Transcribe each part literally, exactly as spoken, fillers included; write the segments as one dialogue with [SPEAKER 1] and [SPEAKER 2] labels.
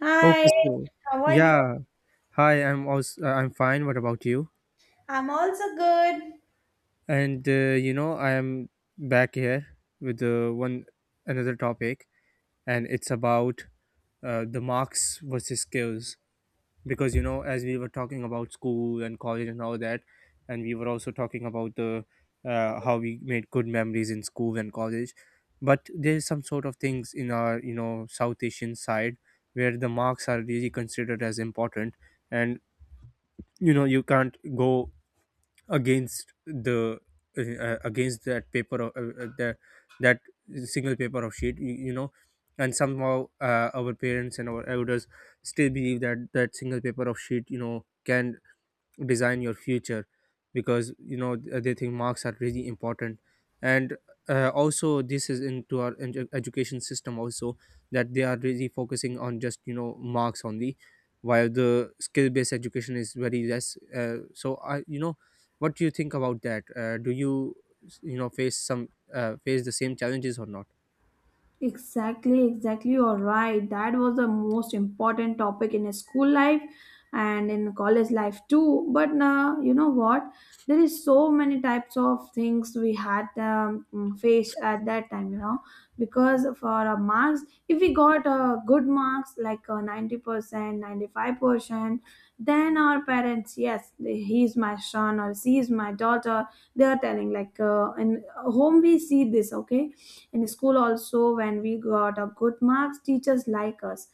[SPEAKER 1] Hi,
[SPEAKER 2] Okay, so
[SPEAKER 1] how are you?
[SPEAKER 2] yeah, hi. I'm also uh, I'm fine. What about you?
[SPEAKER 1] I'm also good.
[SPEAKER 2] And uh, you know, I am back here with uh, one another topic, and it's about uh, the marks versus skills. Because you know, as we were talking about school and college and all that, and we were also talking about the uh, how we made good memories in school and college. But there's some sort of things in our you know South Asian side where the marks are really considered as important, and you know you can't go against the uh, against that paper of uh, uh, the that single paper of sheet, you, you know and somehow uh, our parents and our elders still believe that that single paper of sheet you know can design your future, because you know th- they think marks are really important. And uh, also, this is into our edu- education system also, that they are really focusing on just you know marks only, while the skill based education is very less. Uh, so I you know what do you think about that? Uh, do you s- you know face some uh, face the same challenges or not?
[SPEAKER 1] Exactly, exactly. You're right. That was the most important topic in school life and in college life too. But now, you know what? There is so many types of things we had um, mm, faced at that time. You know, because for our marks, if we got uh, good marks like uh, ninety percent, ninety five percent, then our parents, yes, they- he is my son or she is my daughter. They are telling like uh, in home we see this. Okay, in school also when we got a good marks teachers like us,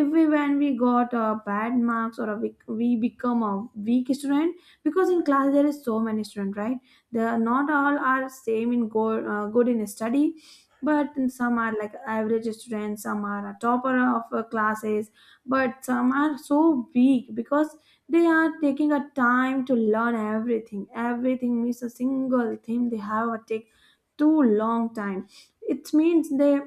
[SPEAKER 1] if we when we got a bad marks or a weak, we become a weak student because in class there is so many students, right? They are not all are same in go, uh, good in study, but some are like average students, some are a topper of uh, classes, but some are so weak because they are taking a time to learn everything. Everything means a single thing they have a take too long time. It means they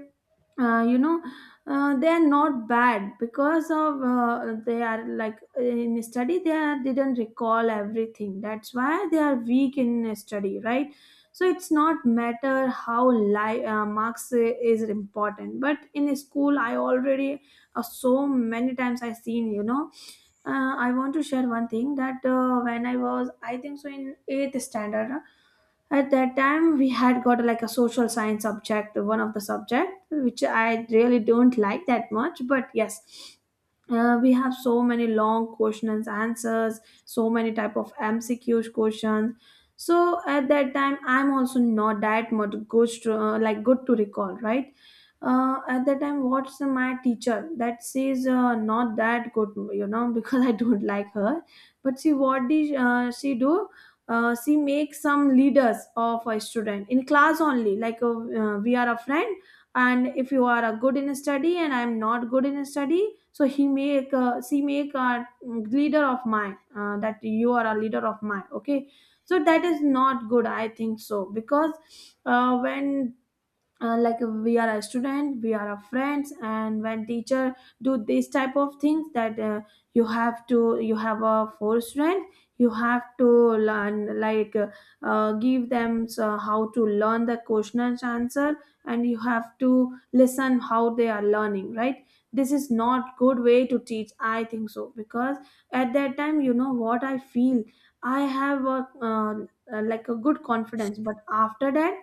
[SPEAKER 1] uh, you know uh, they are not bad because of uh, they are like in study they are, didn't recall everything, that's why they are weak in study, right? So it's not matter how li- uh, marks is important, but in school I already uh, so many times I seen, you know, uh, I want to share one thing that uh, when I was, I think so, in eighth standard, uh, at that time we had got like a social science subject, one of the subject which I really don't like that much. But yes, uh, we have so many long questions, answers, so many type of M C Qs questions. So at that time, I'm also not that much good, to, uh, like good to recall, right? Uh, at that time, what's my teacher that says uh, not that good, you know, because I don't like her. But see what did uh, she do. Uh, she makes some leaders of a student in class only, like uh, uh, we are a friend, and if you are a good in study and I'm not good in study, so he make uh, she make a mm, leader of mine, uh, that you are a leader of mine, okay? So that is not good, I think so, because uh, when uh, like we are a student, we are a friends, and when teacher do this type of things that uh, you have to, you have a four strength, you have to learn like uh, uh, give them uh, how to learn the question and answer, and you have to listen how they are learning, right? This is not good way to teach, I think so, because at that time, you know what I feel, I have a uh, uh, like a good confidence, but after that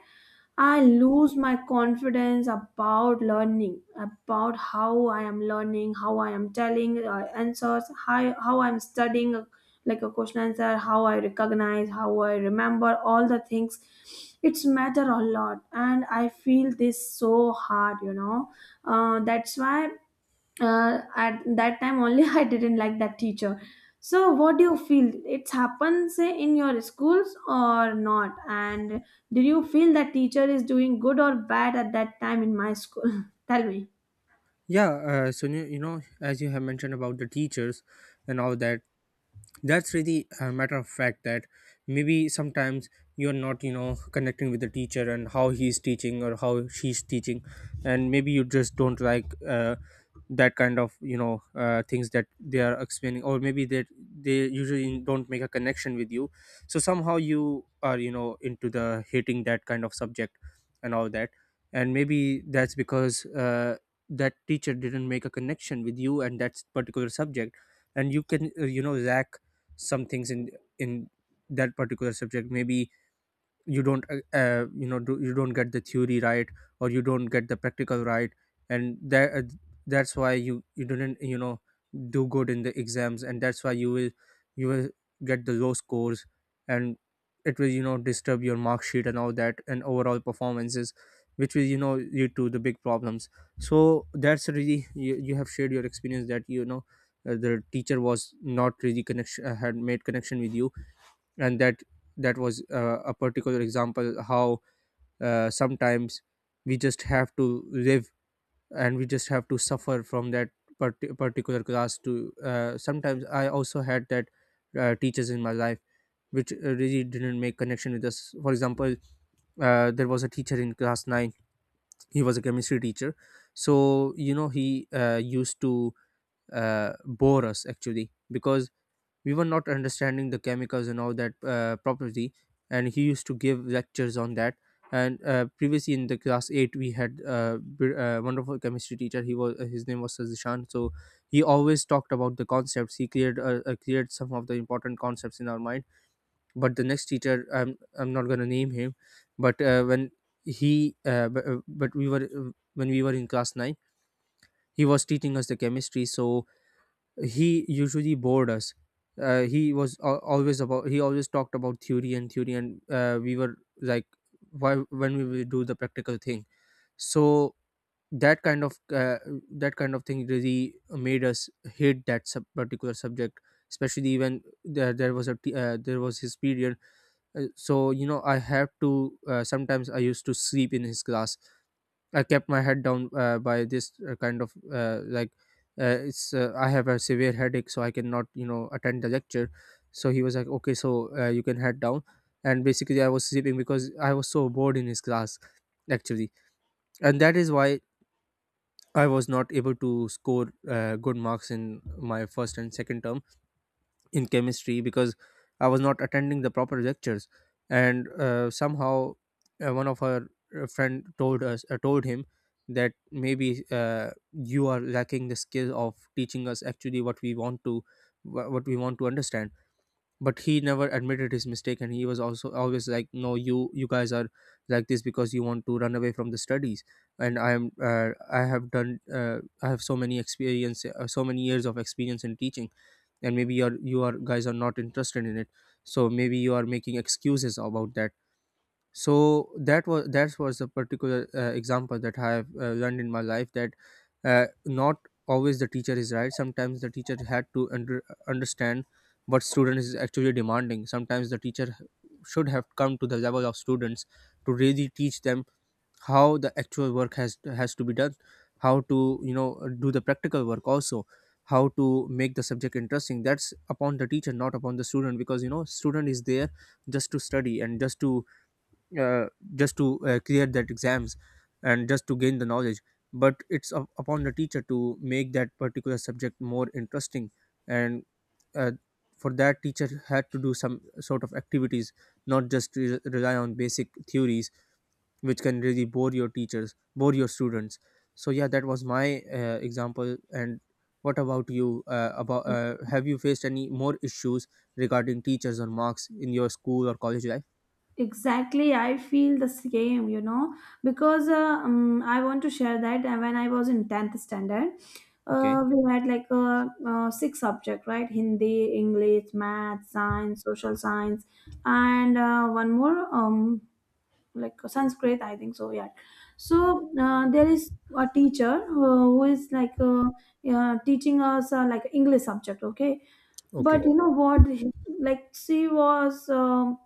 [SPEAKER 1] I lose my confidence about learning, about how I am learning, how I am telling uh, answers, how, how I'm studying uh, like a question answer, how I recognize, how I remember all the things. It's matter a lot, and I feel this so hard, you know. Uh, that's why uh, at that time only I didn't like that teacher. So what do you feel, it happens in your schools or not, and do you feel that teacher is doing good or bad at that time in my school? Tell me.
[SPEAKER 2] Yeah, uh, so you, you know as you have mentioned about the teachers and all that, that's really a matter of fact that maybe sometimes you're not you know connecting with the teacher and how he's teaching or how she's teaching. And maybe you just don't like uh, that kind of you know uh, things that they are explaining, or maybe that they usually don't make a connection with you. So somehow you are you know into the hating that kind of subject and all that. And maybe that's because uh, that teacher didn't make a connection with you and that particular subject, and you can uh, you know lack some things in in that particular subject. Maybe you don't uh, uh, you know do, you don't get the theory right, or you don't get the practical right. And that uh, that's why you you didn't you know do good in the exams, and that's why you will you will get the low scores, and it will you know disturb your mark sheet and all that and overall performances, which will you know lead to the big problems. So that's really, you, you have shared your experience that you know uh, the teacher was not really connection, uh, had made connection with you. And that that was uh, a particular example how uh, sometimes we just have to live and we just have to suffer from that parti particular class to. Uh, sometimes I also had that uh, teachers in my life which uh, really didn't make connection with us. For example, uh, there was a teacher in class nine. He was a chemistry teacher, so you know he uh, used to uh, bore us actually, because we were not understanding the chemicals and all that uh, properly, and he used to give lectures on that. And uh, previously in the class eight we had a br- uh, wonderful chemistry teacher. He was, his name was Sazishan, so he always talked about the concepts. He cleared uh, uh, cleared some of the important concepts in our mind. But the next teacher, i'm i'm not going to name him. but uh, when he uh, but, uh, but we were uh, When we were in class nine, he was teaching us the chemistry. So he usually bored us. Uh, he was al- always about, he always talked about theory and theory, and uh, we were like, why, when we will do the practical thing. So that kind of uh, that kind of thing really made us hate that sub- particular subject, especially when there, there was a t- uh, there was his period. Uh, so you know I have to uh, sometimes I used to sleep in his class. I kept my head down uh, by this uh, kind of uh, like uh, it's uh, I have a severe headache, so I cannot you know attend the lecture. So he was like, okay, so uh, you can head down, and basically I was sleeping because I was so bored in his class, actually. And that is why I was not able to score uh, good marks in my first and second term in chemistry, because I was not attending the proper lectures. And uh, somehow uh, one of her uh, friend told us, uh, told him that maybe uh, you are lacking the skill of teaching us actually what we want to wha- what we want to understand. But he never admitted his mistake, and he was also always like, no, you you guys are like this because you want to run away from the studies, and I am uh, i have done uh, I have so many experience, uh, so many years of experience in teaching, and maybe you're you are guys are not interested in it, so maybe you are making excuses about that. So that was that was a particular uh, example that I have uh, learned in my life that uh, not always the teacher is right. Sometimes the teacher had to under, understand what student is actually demanding. Sometimes the teacher should have come to the level of students to really teach them how the actual work has has to be done, how to you know do the practical work also, how to make the subject interesting. That's upon the teacher, not upon the student, because you know student is there just to study and just to uh, just to uh, clear that exams and just to gain the knowledge. But it's up- upon the teacher to make that particular subject more interesting. And uh, for that, teacher had to do some sort of activities, not just re- rely on basic theories, which can really bore your teachers, bore your students. So yeah, that was my uh, example. And what about you? Uh, about, uh, have you faced any more issues regarding teachers or marks in your school or college life?
[SPEAKER 1] Exactly, I feel the same, you know, because uh, um, I want to share that uh, when I was in tenth standard,
[SPEAKER 2] Okay,
[SPEAKER 1] uh, we had like a, uh, six subject, right? Hindi, english, math, science, social science, and uh, one more um, like uh, sanskrit, I think so, yeah. So uh, there is a teacher who, who is like uh, uh, teaching us uh, like english subject, okay? But
[SPEAKER 2] okay,
[SPEAKER 1] you know what, he- like she was um,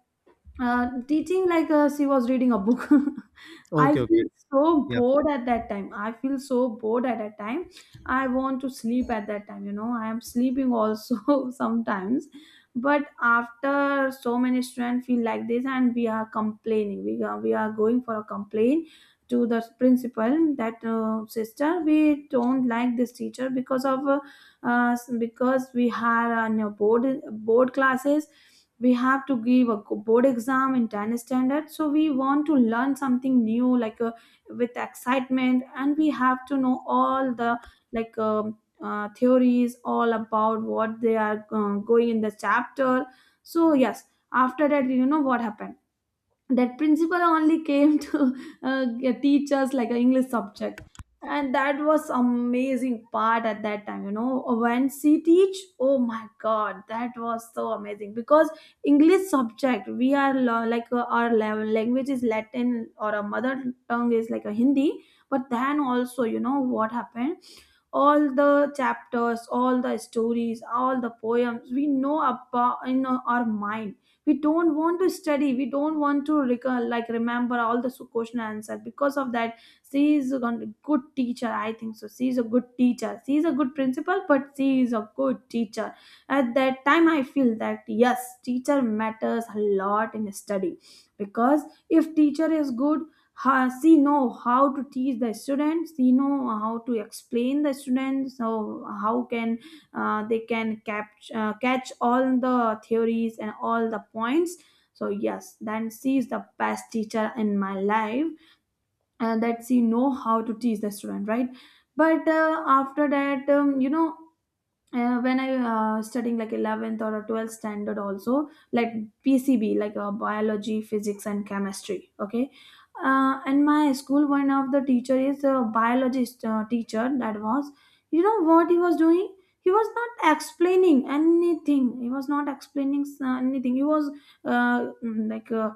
[SPEAKER 1] uh, teaching like uh, she was reading a book. I
[SPEAKER 2] okay,
[SPEAKER 1] feel
[SPEAKER 2] okay.
[SPEAKER 1] so
[SPEAKER 2] Yeah,
[SPEAKER 1] bored at that time, I feel so bored at that time, I want to sleep at that time, you know, I am sleeping also sometimes. But after so many students feel like this, and we are complaining, we are, we are going for a complaint to the principal that uh, sister, we don't like this teacher because of uh, uh, because we had uh, you know, board board classes, we have to give a co- board exam in tenth standard, so we want to learn something new like uh, with excitement, and we have to know all the like um, uh, theories, all about what they are uh, going in the chapter. So yes, after that you know what happened, that principal only came to uh, teach us like an english subject, and that was amazing part at that time, you know, when she teach, oh my god, that was so amazing, because english subject we are lo- like uh, our level language is latin, or our mother tongue is like a hindi, but then also you know what happened, all the chapters, all the stories, all the poems, we know about in our mind, we don't want to study, we don't want to recall, like remember all the su- question answer because of that. She is a gon- good teacher, I think so, she is a good teacher, she is a good principal, but she is a good teacher. At that time I feel that yes, teacher matters a lot in study, because if teacher is good, how, she know how to teach the students, she know how to explain the students, so how can uh, they can catch uh, catch all the theories and all the points. So yes, then she is the best teacher in my life, and that she know how to teach the student, right? But uh, after that, um, you know, uh, when I uh, studying like eleventh or twelfth standard also, like P C B, like uh, biology, physics, and chemistry, okay? Uh, and my school, one of the teacher is a biologist uh, teacher, that was, you know what he was doing, he was not explaining anything, he was not explaining s- uh, anything, he was uh, mm, like uh,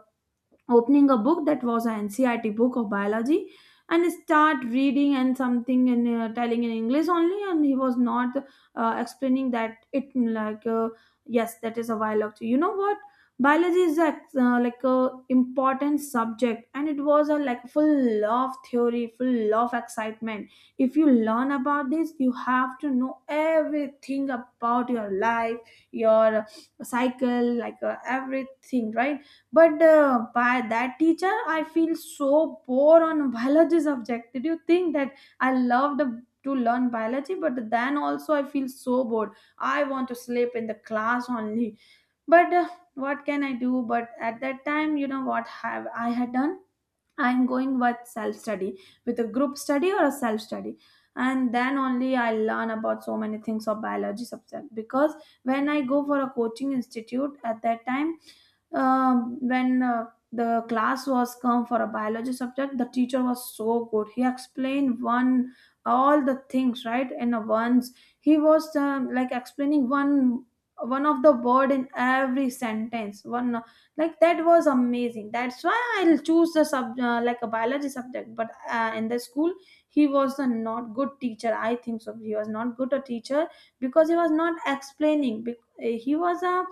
[SPEAKER 1] opening a book that was an N C R T book of biology, and start reading and something, and uh, telling in English only, and he was not uh, explaining that it, like uh, yes, that is a biology, you know what, biology is a, uh, like a important subject, and it was a like full of theory, full of excitement. If you learn about this, you have to know everything about your life, your cycle, like uh, everything, right? But uh, by that teacher, I feel so bored on biology subject. Did you think that I loved to learn biology, but then also I feel so bored. I want to sleep in the class only. But uh, what can I do? But at that time, you know what have I had done, I'm going with self study, with a group study or a self study. And then only I learn about so many things of biology subject, because when I go for a coaching institute at that time, um, when uh, the class was come for a biology subject, the teacher was so good. He explained one all the things right in a once. He was um, like explaining one one of the word in every sentence, one like that was amazing, that's why I'll choose the sub uh, like a biology subject. But uh, in the school, he was a not good teacher, I think so, he was not good a teacher, because he was not explaining, bec- uh, he was a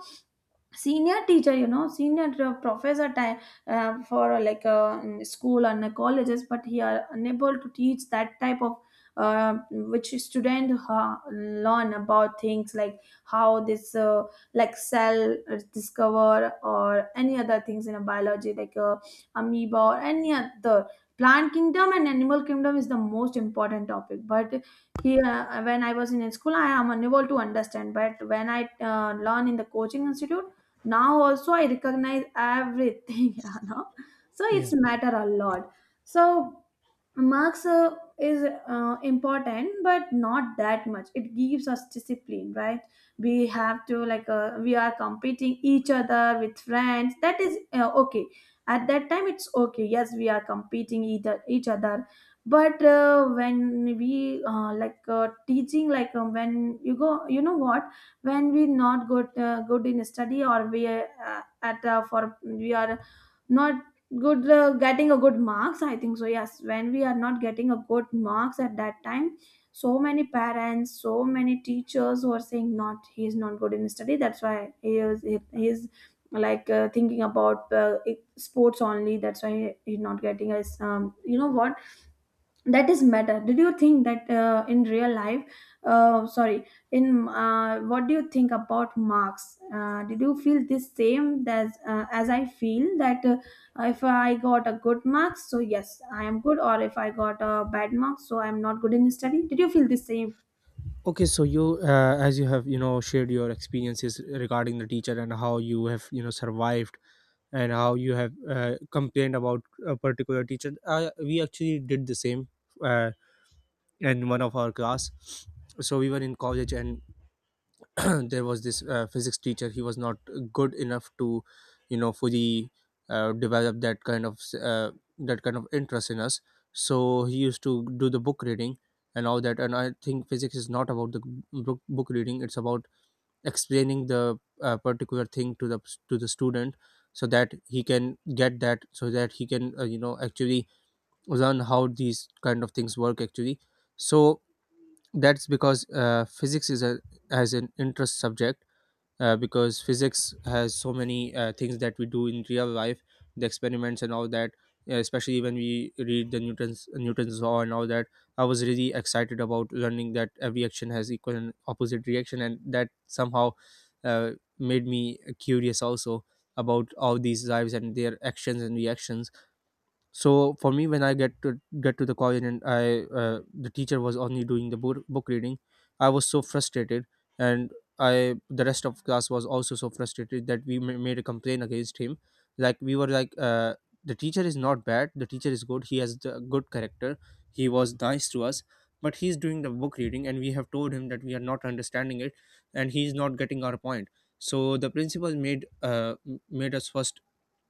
[SPEAKER 1] senior teacher, you know, senior uh, professor time uh, for uh, like uh, in school and the colleges, but he are unable to teach that type of uh, which student uh, learn about things, like how this uh, like cell is discover, or any other things in a biology, like uh, amoeba, or any other plant kingdom and animal kingdom is the most important topic. But here uh, when I was in school, I am unable to understand, but when I uh, learn in the coaching institute, now also I recognize everything you know, so it's
[SPEAKER 2] yeah.
[SPEAKER 1] matter a lot. So marks uh, is uh, important, but not that much. It gives us discipline, right? We have to like uh, we are competing each other with friends. That is uh, okay. At that time, it's okay. Yes, we are competing either each other, but uh, when we uh, like uh, teaching, like um, when you go, you know what? When we not good uh, good in study, or we uh, at uh, for we are not good uh, getting a good marks, I think so. Yes, when we are not getting a good marks at that time, so many parents, so many teachers who are saying not he is not good in study, that's why he is he he is like uh, thinking about uh, sports only, that's why he, he's not getting a um, you know what that is matter. Did you think that uh, in real life, uh, sorry in uh, what do you think about marks? Uh, did you feel the same as uh, as I feel that uh, if I got a good marks, so yes I am good, or if I got a bad marks, so I am not good in study? Did you feel the same?
[SPEAKER 2] Okay, so you, uh, as you have you know shared your experiences regarding the teacher, and how you have you know survived, and how you have uh, complained about a particular teacher, uh, we actually did the same uh, in one of our class. So we were in college, and there was this uh, physics teacher. He was not good enough to you know fully uh, develop that kind of uh, that kind of interest in us. So he used to do the book reading and all that. And I think physics is not about the book, book reading, it's about explaining the uh, particular thing to the to the student, so that he can get that, so that he can uh, you know actually learn how these kind of things work actually. So that's because uh, physics is a has an interest subject, uh, because physics has so many uh, things that we do in real life, the experiments and all that. Uh, especially when we read the newton's newton's law and all that, I was really excited about learning that every action has equal and opposite reaction. And that somehow uh, made me curious also about all these lives and their actions and reactions. So for me, when I get to get to the college, and I uh, the teacher was only doing the book, book reading, I was so frustrated. And I, the rest of class was also so frustrated, that we ma- made a complaint against him. Like, we were like, uh, the teacher is not bad, the teacher is good, he has the good character, he was nice to us. But he's doing the book reading and we have told him that we are not understanding it, and he's not getting our point. So the principal made uh, m- made us first,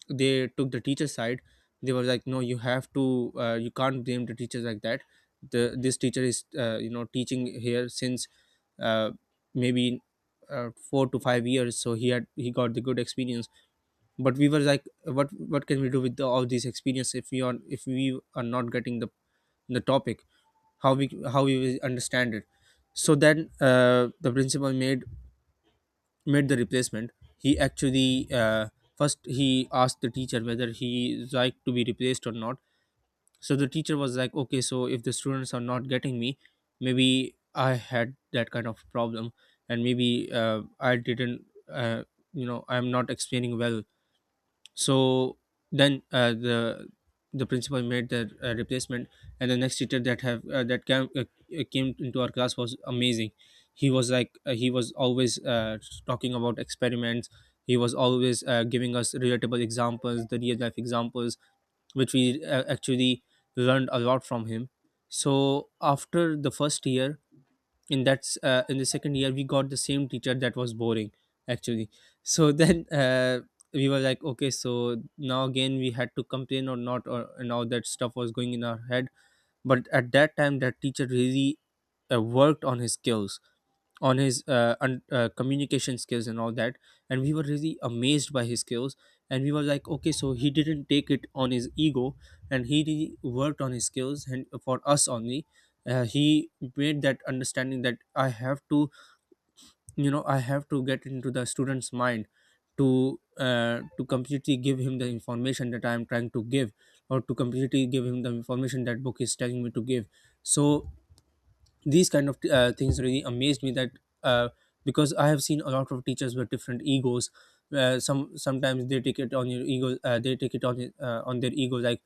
[SPEAKER 2] they took the teacher's side. They were like, no, you have to, uh, you can't blame the teachers like that. The This teacher is uh, you know teaching here since uh, maybe uh, four to five years, so he had, he got the good experience. But we were like, what what can we do with the, all these experience if we are, if we are not getting the the topic? How we, how we will understand it? So then uh, the principal made made the replacement. He actually uh, first he asked the teacher whether he is like to be replaced or not. So the teacher was like, okay, so if the students are not getting me, maybe I had that kind of problem, and maybe uh, I didn't, uh, you know I'm not explaining well. So then uh, the the principal made the uh, replacement. And the next teacher that have uh, that came uh, uh, came into our class was amazing. He was like uh, he was always uh, talking about experiments. He was always uh, giving us relatable examples, the real life examples, which we uh, actually learned a lot from him. So after the first year, in that s- uh, in the second year, we got the same teacher that was boring actually. So then uh, we were like, okay, so now again we had to complain or not, or and all that stuff was going in our head. But at that time, that teacher really uh, worked on his skills, on his uh, un- uh, communication skills and all that, and we were really amazed by his skills. And we were like, okay, so he didn't take it on his ego, and he really worked on his skills, and for us only, uh, he made that understanding that I have to, you know, I have to get into the student's mind to uh, to completely give him the information that I am trying to give, or to completely give him the information that book is telling me to give. So these kind of uh, things really amazed me, that uh, because I have seen a lot of teachers with different egos. Uh, some sometimes they take it on your ego. Uh, they take it on it, uh, on their ego. Like,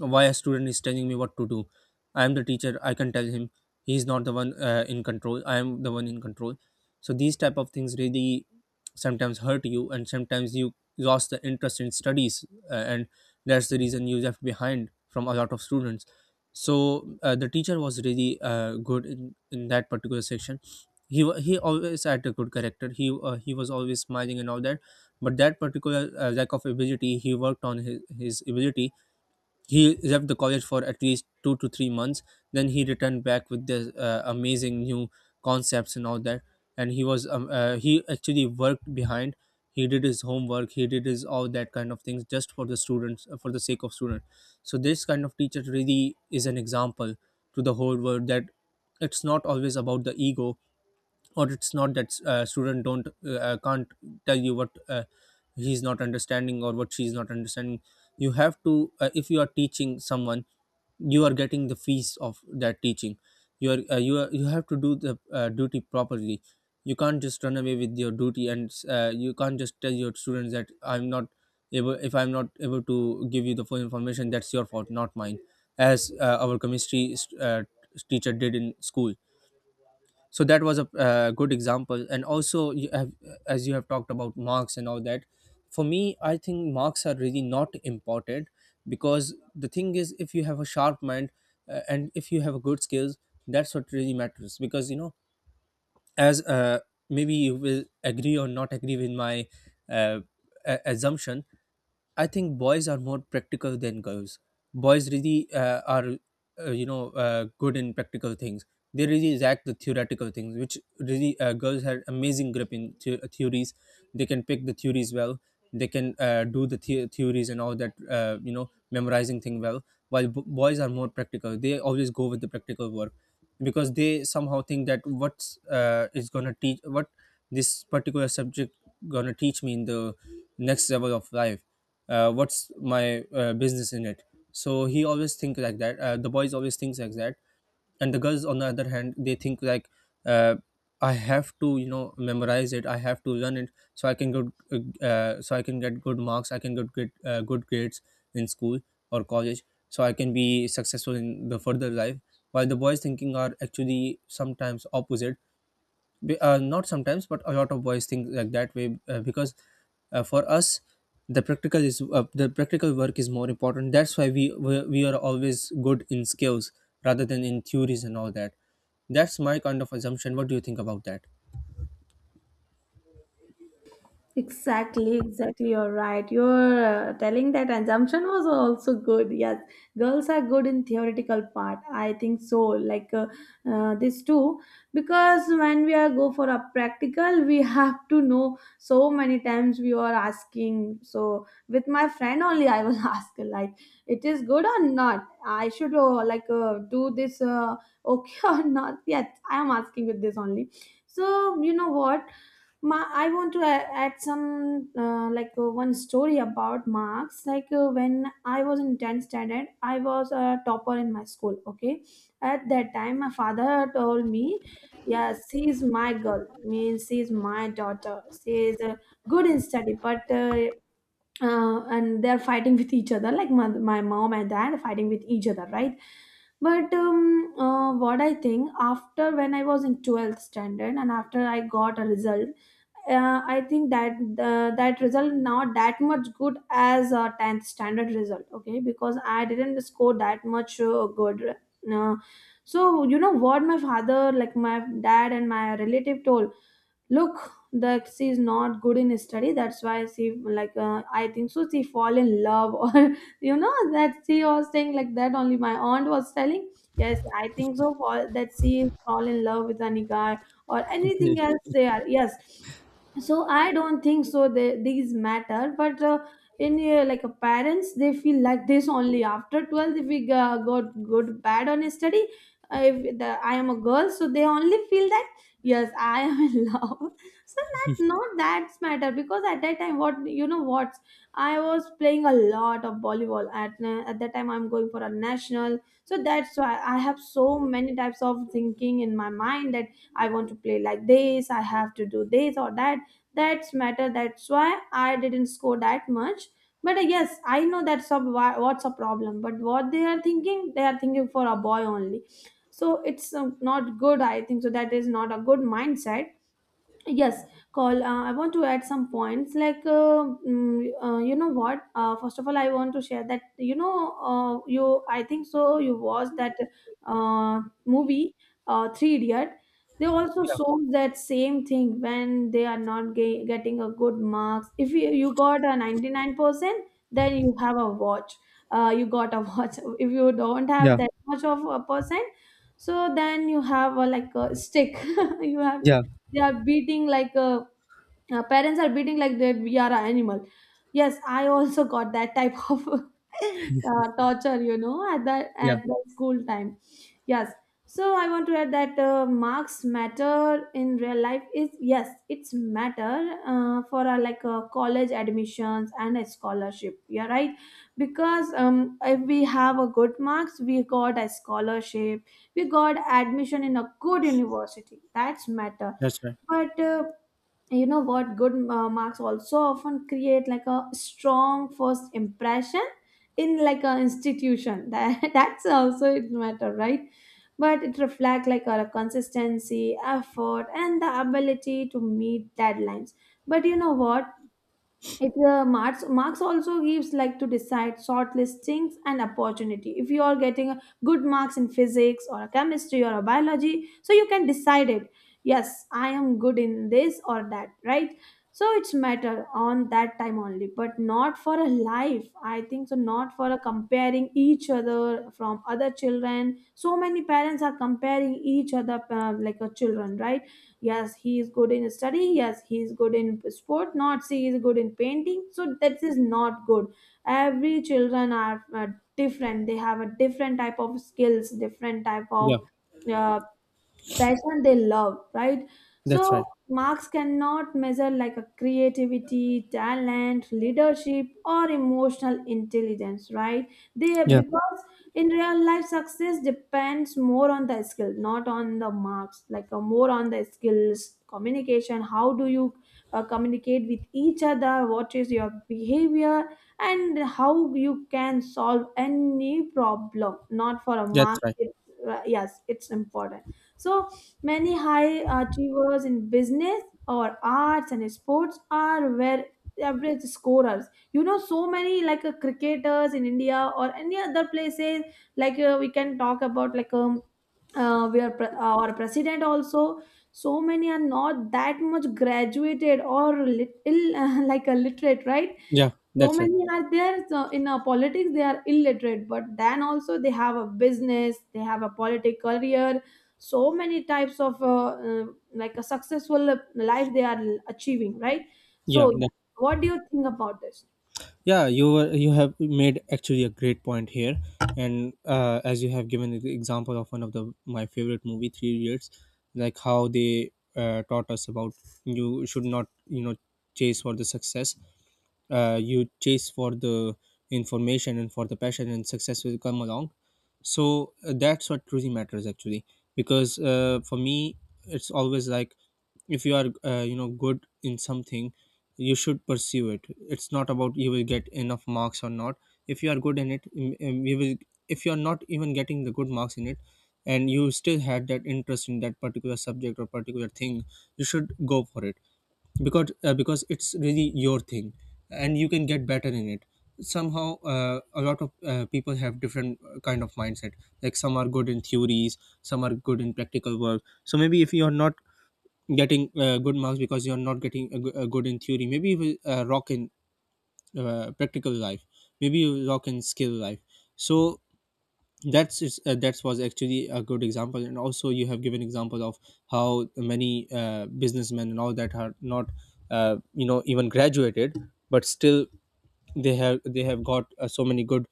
[SPEAKER 2] why a student is telling me what to do? I am the teacher. I can tell him. He's not the one uh, in control. I am the one in control. So these type of things really sometimes hurt you, and sometimes you lost the interest in studies, uh, and that's the reason you left behind from a lot of students. So uh, the teacher was really uh, good in, in that particular section. He wa- he always had a good character. He uh, he was always smiling and all that, but that particular uh, lack of ability, he worked on his, his ability. He left the college for at least two to three months. Then he returned back with the uh, amazing new concepts and all that. And he was um, uh, he actually worked behind. He did his homework. He did his all that kind of things just for the students, uh, for the sake of students. So this kind of teacher really is an example to the whole world that it's not always about the ego, or it's not that uh, student don't uh, uh, can't tell you what uh, he's not understanding or what she's not understanding. You have to uh, if you are teaching someone, you are getting the fees of that teaching, you are, uh, you are, you have to do the uh, duty properly. You can't just run away with your duty, and uh, you can't just tell your students that I'm not able, if I'm not able to give you the full information, that's your fault, not mine, as uh, our chemistry uh, teacher did in school. So that was a uh, good example. And also you have, as you have talked about marks and all that, for me I think marks are really not important, because the thing is, if you have a sharp mind uh, and if you have a good skills, that's what really matters. Because, you know, as uh, maybe you will agree or not agree with my uh, a- assumption. I think boys are more practical than girls. Boys really uh, are, uh, you know, uh, good in practical things. They really lack the theoretical things, which really uh, girls had amazing grip in the- theories. They can pick the theories well. They can uh, do the, the- theories and all that, uh, you know, memorizing thing well. While b- boys are more practical, they always go with the practical work, because they somehow think that what's uh, is gonna teach, what this particular subject gonna teach me in the next level of life, uh, what's my uh, business in it. So he always think like that, uh, the boys always thinks like that. And the girls on the other hand, they think like, uh, I have to, you know, memorize it. I have to learn it so I can good, uh, so I can get good marks. I can get good, uh, good grades in school or college, so I can be successful in the further life. While the boys thinking are actually sometimes opposite, Be- uh, not sometimes, but a lot of boys think like that way, uh, because uh, for us, the practical is uh, the practical work is more important. That's why we we we are always good in skills rather than in theories and all that. That's my kind of assumption. What do you think about that?
[SPEAKER 1] Exactly, exactly. You're right. You're uh, telling that assumption was also good. Yes, girls are good in theoretical part, I think so. Like uh, uh, this too, because when we are go for a practical, we have to know, so many times we are asking. So with my friend only, I will ask like, it is good or not? I should uh, like uh, do this uh, okay or not? Yes, I am asking with this only. So you know what? Ma, I want to a- add some uh, like uh, one story about marks. Like uh, when I was in tenth standard, I was a topper in my school. Okay, at that time, my father told me, "Yes, she is my girl. Means she is my daughter. She is uh, good in study, but." Uh, uh, and they're fighting with each other, like my, my mom and dad are fighting with each other, right? But um, uh, what I think, after when I was in twelfth standard and after I got a result, uh, I think that uh, that result not that much good as a tenth standard result. Okay, because I didn't score that much uh, good. Uh, so you know what my father, like my dad and my relative told, look, that she is not good in study, that's why she, like uh, I think so, she fall in love, or you know, that she was saying like that only, my aunt was telling, yes I think so fall, that she is fall in love with any guy or
[SPEAKER 2] Okay.
[SPEAKER 1] anything else, they are. Yes, so I don't think so they, these matter. But uh, in uh, like a parents, they feel like this only after twelfth. If we uh, got good bad on study, uh, if the, I am a girl, so they only feel that yes, I am in love, so that not that's matter. Because at that time, what you know what, I was playing a lot of volleyball at na- at that time, I'm going for a national, so that's why I have so many types of thinking in my mind that I want to play like this, I have to do this or that. That's matter, that's why I didn't score that much. But uh, yes, I know that's a, why- what's a problem, but what they are thinking, they are thinking for a boy only. So it's um, not good, I think so, that is not a good mindset. Yes, call. Uh, I want to add some points. Like, uh, mm, uh, you know what? Uh, first of all, I want to share that you know, uh, you, I think so, you watched that uh, movie, uh, Three Idiot. They also
[SPEAKER 2] Yeah.
[SPEAKER 1] show that same thing when they are not ge- getting a good marks. If you, you got a ninety nine percent, then you have a watch. Uh, you got a watch. If you don't have
[SPEAKER 2] Yeah.
[SPEAKER 1] that much of a percent, so then you have a like a stick. You have,
[SPEAKER 2] Yeah.
[SPEAKER 1] they are beating like a uh, parents are beating like that we are an animal. Yes, I also got that type of uh, torture, you know, at that
[SPEAKER 2] Yeah.
[SPEAKER 1] at the school time. Yes, so I want to add that uh, marks matter in real life, is yes, it's matter uh, for uh, like uh, college admissions and a scholarship, yeah, right? Because um, if we have a good marks, we got a scholarship, we got admission in a good university, that's matter.
[SPEAKER 2] That's right.
[SPEAKER 1] But uh, you know what, good uh, marks also often create like a strong first impression in like an institution, that that's also it matter, right? But it reflects like our consistency, effort, and the ability to meet deadlines. But you know what, it uh, marks marks also gives like to decide short listings and opportunity. If you are getting a good marks in physics or chemistry or biology, so you can decide it, yes I am good in this or that, right? So it's matter on that time only, but not for a life, I think so. Not for a comparing each other from other children. So many parents are comparing each other uh, like a children, right? Yes he is good in study, yes he is good in sport, not, she is good in painting, so that is not good. Every children are uh, different, they have a different type of skills, different type of
[SPEAKER 2] Yeah,
[SPEAKER 1] uh, passion, they love, right?
[SPEAKER 2] that's
[SPEAKER 1] So
[SPEAKER 2] right.
[SPEAKER 1] marks cannot measure like a creativity, talent, leadership, or emotional intelligence, right? They,
[SPEAKER 2] Yeah.
[SPEAKER 1] because in real life, success depends more on the skill, not on the marks, like uh, more on the skills, communication, how do you uh, communicate with each other, what is your behavior, and how you can solve any problem, not for a
[SPEAKER 2] That's
[SPEAKER 1] mark.
[SPEAKER 2] right.
[SPEAKER 1] It's, uh, yes, it's important. So many high achievers in business or arts and sports are where average scorers. You know, so many like uh, cricketers in India or any other places. Like uh, we can talk about like um, uh, we are pre- our president also. So many are not that much graduated or lit- ill, like a literate, right?
[SPEAKER 2] Yeah,
[SPEAKER 1] So
[SPEAKER 2] that's right.
[SPEAKER 1] many are there. So in uh, politics, they are illiterate, but then also they have a business, they have a political career. So many types of uh, uh, like a successful life they are achieving, right? So
[SPEAKER 2] Yeah, that.
[SPEAKER 1] yeah, what do you think about this?
[SPEAKER 2] Yeah, you were, you have made actually a great point here, and uh, as you have given the example of one of the my favorite movie, Three years, like how they uh, taught us about, you should not, you know, chase for the success, uh, you chase for the information and for the passion and success will come along. So uh, that's what truly matters actually. Because uh, for me it's always like, if you are uh, you know good in something, you should pursue it. It's not about you will get enough marks or not. If you are good in it, mm, mm, you will, if you are not even getting the good marks in it, and you still had that interest in that particular subject or particular thing, you should go for it. Because uh, because it's really your thing, and you can get better in it somehow. Uh, a lot of uh, people have different uh, kind of mindset. Like, some are good in theories, some are good in practical work. So maybe if you're not getting uh, good marks because you're not getting a, go- a good in theory, maybe you will uh, rock in uh, practical life. Maybe you will rock in skill life. So that's is uh, that was actually a good example. And also you have given examples of how many uh, businessmen and all that are not uh, you know even graduated, but still they have, they have got uh, so many good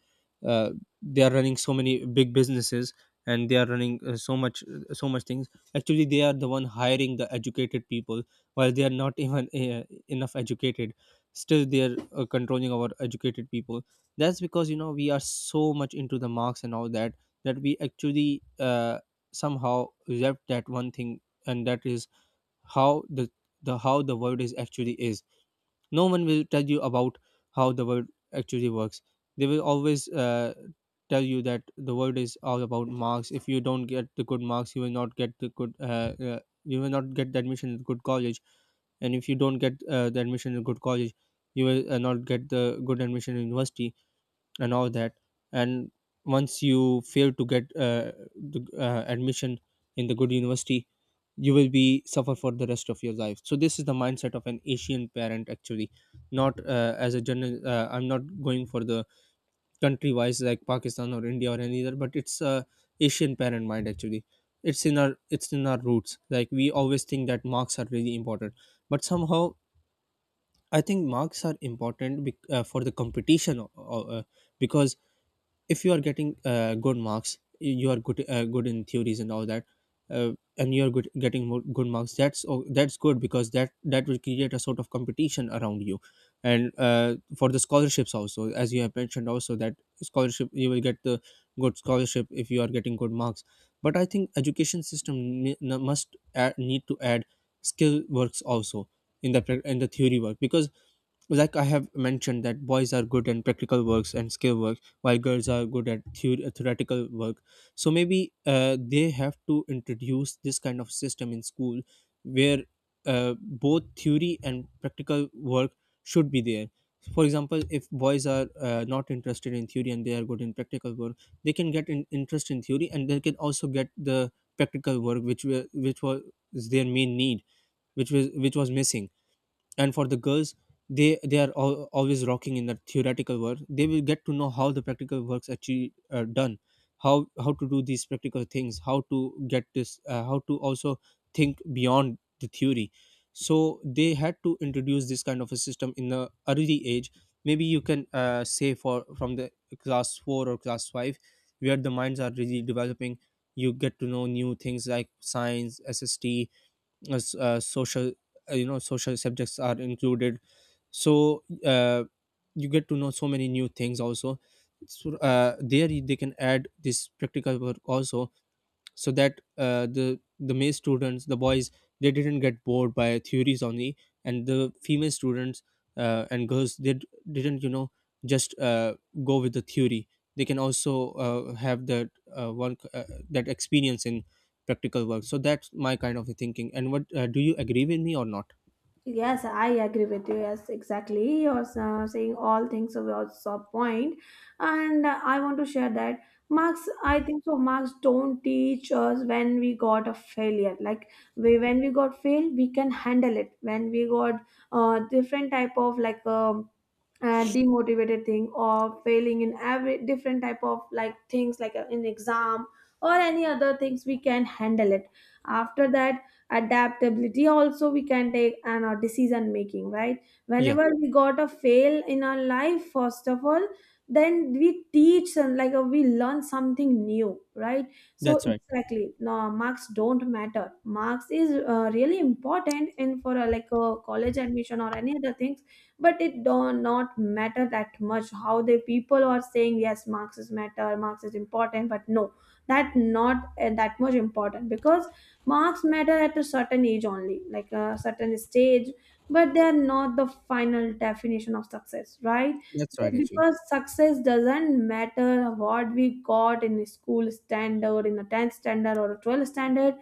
[SPEAKER 2] uh, they are running so many big businesses, and they are running uh, so much uh, so much things. Actually, they are the one hiring the educated people, while they are not even uh, enough educated. Still they are uh, controlling our educated people. That's because, you know, we are so much into the marks and all that, that we actually uh, somehow left that one thing. And that is, how the the how the world is actually is. No one will tell you about how the world actually works. They will always uh, tell you that the world is all about marks. If you don't get the good marks, you will not get the good uh, uh, you will not get the admission in good college. And if you don't get uh, the admission in good college, you will uh, not get the good admission in university and all that. And once you fail to get uh, the, uh, admission in the good university, you will be suffer for the rest of your life. So this is the mindset of an Asian parent actually. Not uh, as a general, uh, I'm not going for the country wise like Pakistan or India or any other, but it's a Asian parent mind actually. It's in our, it's in our roots. Like, we always think that marks are really important. But somehow I think marks are important, bec- uh, for the competition, uh, uh, because if you are getting uh, good marks, y- you are good, uh, good in theories and all that, uh, and you are good getting more good marks, that's o- that's good, because that, that will create a sort of competition around you. And uh, for the scholarships also, as you have mentioned also, that scholarship, you will get the good scholarship if you are getting good marks. But I think education system, ne- n- must add, need to add skill works also in the prac- in the theory work. Because like I have mentioned that boys are good in practical works and skill work, while girls are good at the- theoretical work. So maybe uh, they have to introduce this kind of system in school, where uh, both theory and practical work should be there. For example, if boys are uh, not interested in theory and they are good in practical work, they can get in interest in theory, and they can also get the practical work, which were, which was their main need, which was, which was missing. And for the girls, they they are al- always rocking in the theoretical work, they will get to know how the practical works actually uh, done, how how to do these practical things, how to get this, uh, how to also think beyond the theory. So they had to introduce this kind of a system in the early age. Maybe you can uh, say for from the class four or class five, where the minds are really developing, you get to know new things like science, SST, as, uh, social uh, you know social subjects are included. So uh, you get to know so many new things also. So, uh, there you- they can add this practical work also, so that uh, the the male students, the boys, they didn't get bored by theories only. And the female students uh, and girls, they d- didn't, you know, just uh, go with the theory. They can also uh, have that uh, one uh, that experience in practical work. So that's my kind of thinking. And what uh, do you agree with me or not?
[SPEAKER 1] Yes, I agree with you. Yes, exactly. You're uh, saying all things of your sub point, and uh, I want to share that marks, I think so, marks don't teach us when we got a failure. Like we, when we got failed, we can handle it. When we got uh, different type of like um uh, demotivated thing or failing in every different type of like things, like uh, in exam or any other things, we can handle it. After that, adaptability also we can take, and our decision making, right?
[SPEAKER 2] Yeah,
[SPEAKER 1] Whenever we got a fail in our life, first of all, then we teach and like uh, we learn something new, right? So
[SPEAKER 2] that's right.
[SPEAKER 1] exactly, no, marks don't matter. Marks is uh, really important in for a, like a college admission or any other things, but it do not matter that much how the people are saying, yes marx is matter, marx is important, but no, that not uh, that much important. Because marks matter at a certain age only, like a certain stage, but they are not the final definition of success, right?
[SPEAKER 2] That's right actually.
[SPEAKER 1] Because success doesn't matter what we got in a school standard, in a tenth standard or a twelfth standard.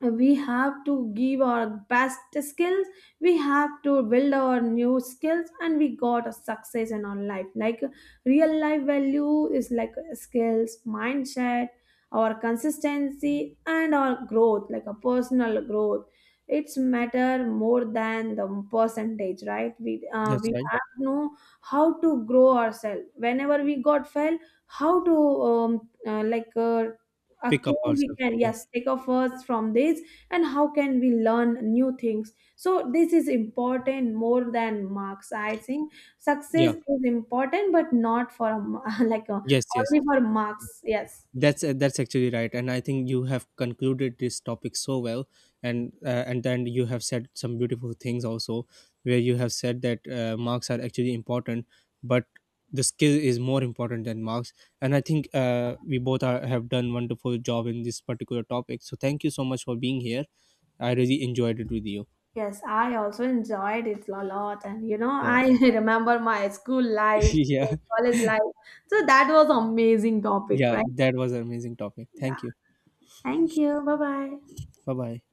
[SPEAKER 1] We have to give our best skills, we have to build our new skills, and we got a success in our life. Like real life value is like skills, mindset, our consistency, and our growth, like a personal growth. It's matter more than the percentage, right? We uh,
[SPEAKER 2] That's
[SPEAKER 1] we
[SPEAKER 2] right.
[SPEAKER 1] have to know how to grow ourselves whenever we got fail, how to um, uh, like uh,
[SPEAKER 2] Pick up
[SPEAKER 1] again, we
[SPEAKER 2] ourselves,
[SPEAKER 1] can,
[SPEAKER 2] yeah.
[SPEAKER 1] yes, take a first from this, and how can we learn new things. So this is important more than marks, I think. Success
[SPEAKER 2] Yeah.
[SPEAKER 1] is important, but not for a ma- like a,
[SPEAKER 2] Yes, yes.
[SPEAKER 1] only for marks. Yes,
[SPEAKER 2] That's uh, that's actually right. And I think you have concluded this topic so well. And uh, and then you have said some beautiful things also, where you have said that uh, marks are actually important, but the skill is more important than marks. And I think uh, we both are, have done wonderful job in this particular topic. So thank you so much for being here. I really enjoyed it with you.
[SPEAKER 1] yes, I also enjoyed it a lot, and you know,
[SPEAKER 2] Yeah.
[SPEAKER 1] I remember my school life,
[SPEAKER 2] Yeah.
[SPEAKER 1] college life. So that was amazing topic,
[SPEAKER 2] Yeah,
[SPEAKER 1] right?
[SPEAKER 2] that was an amazing topic.
[SPEAKER 1] Yeah,
[SPEAKER 2] Thank you.
[SPEAKER 1] thank you, bye bye.
[SPEAKER 2] Bye bye.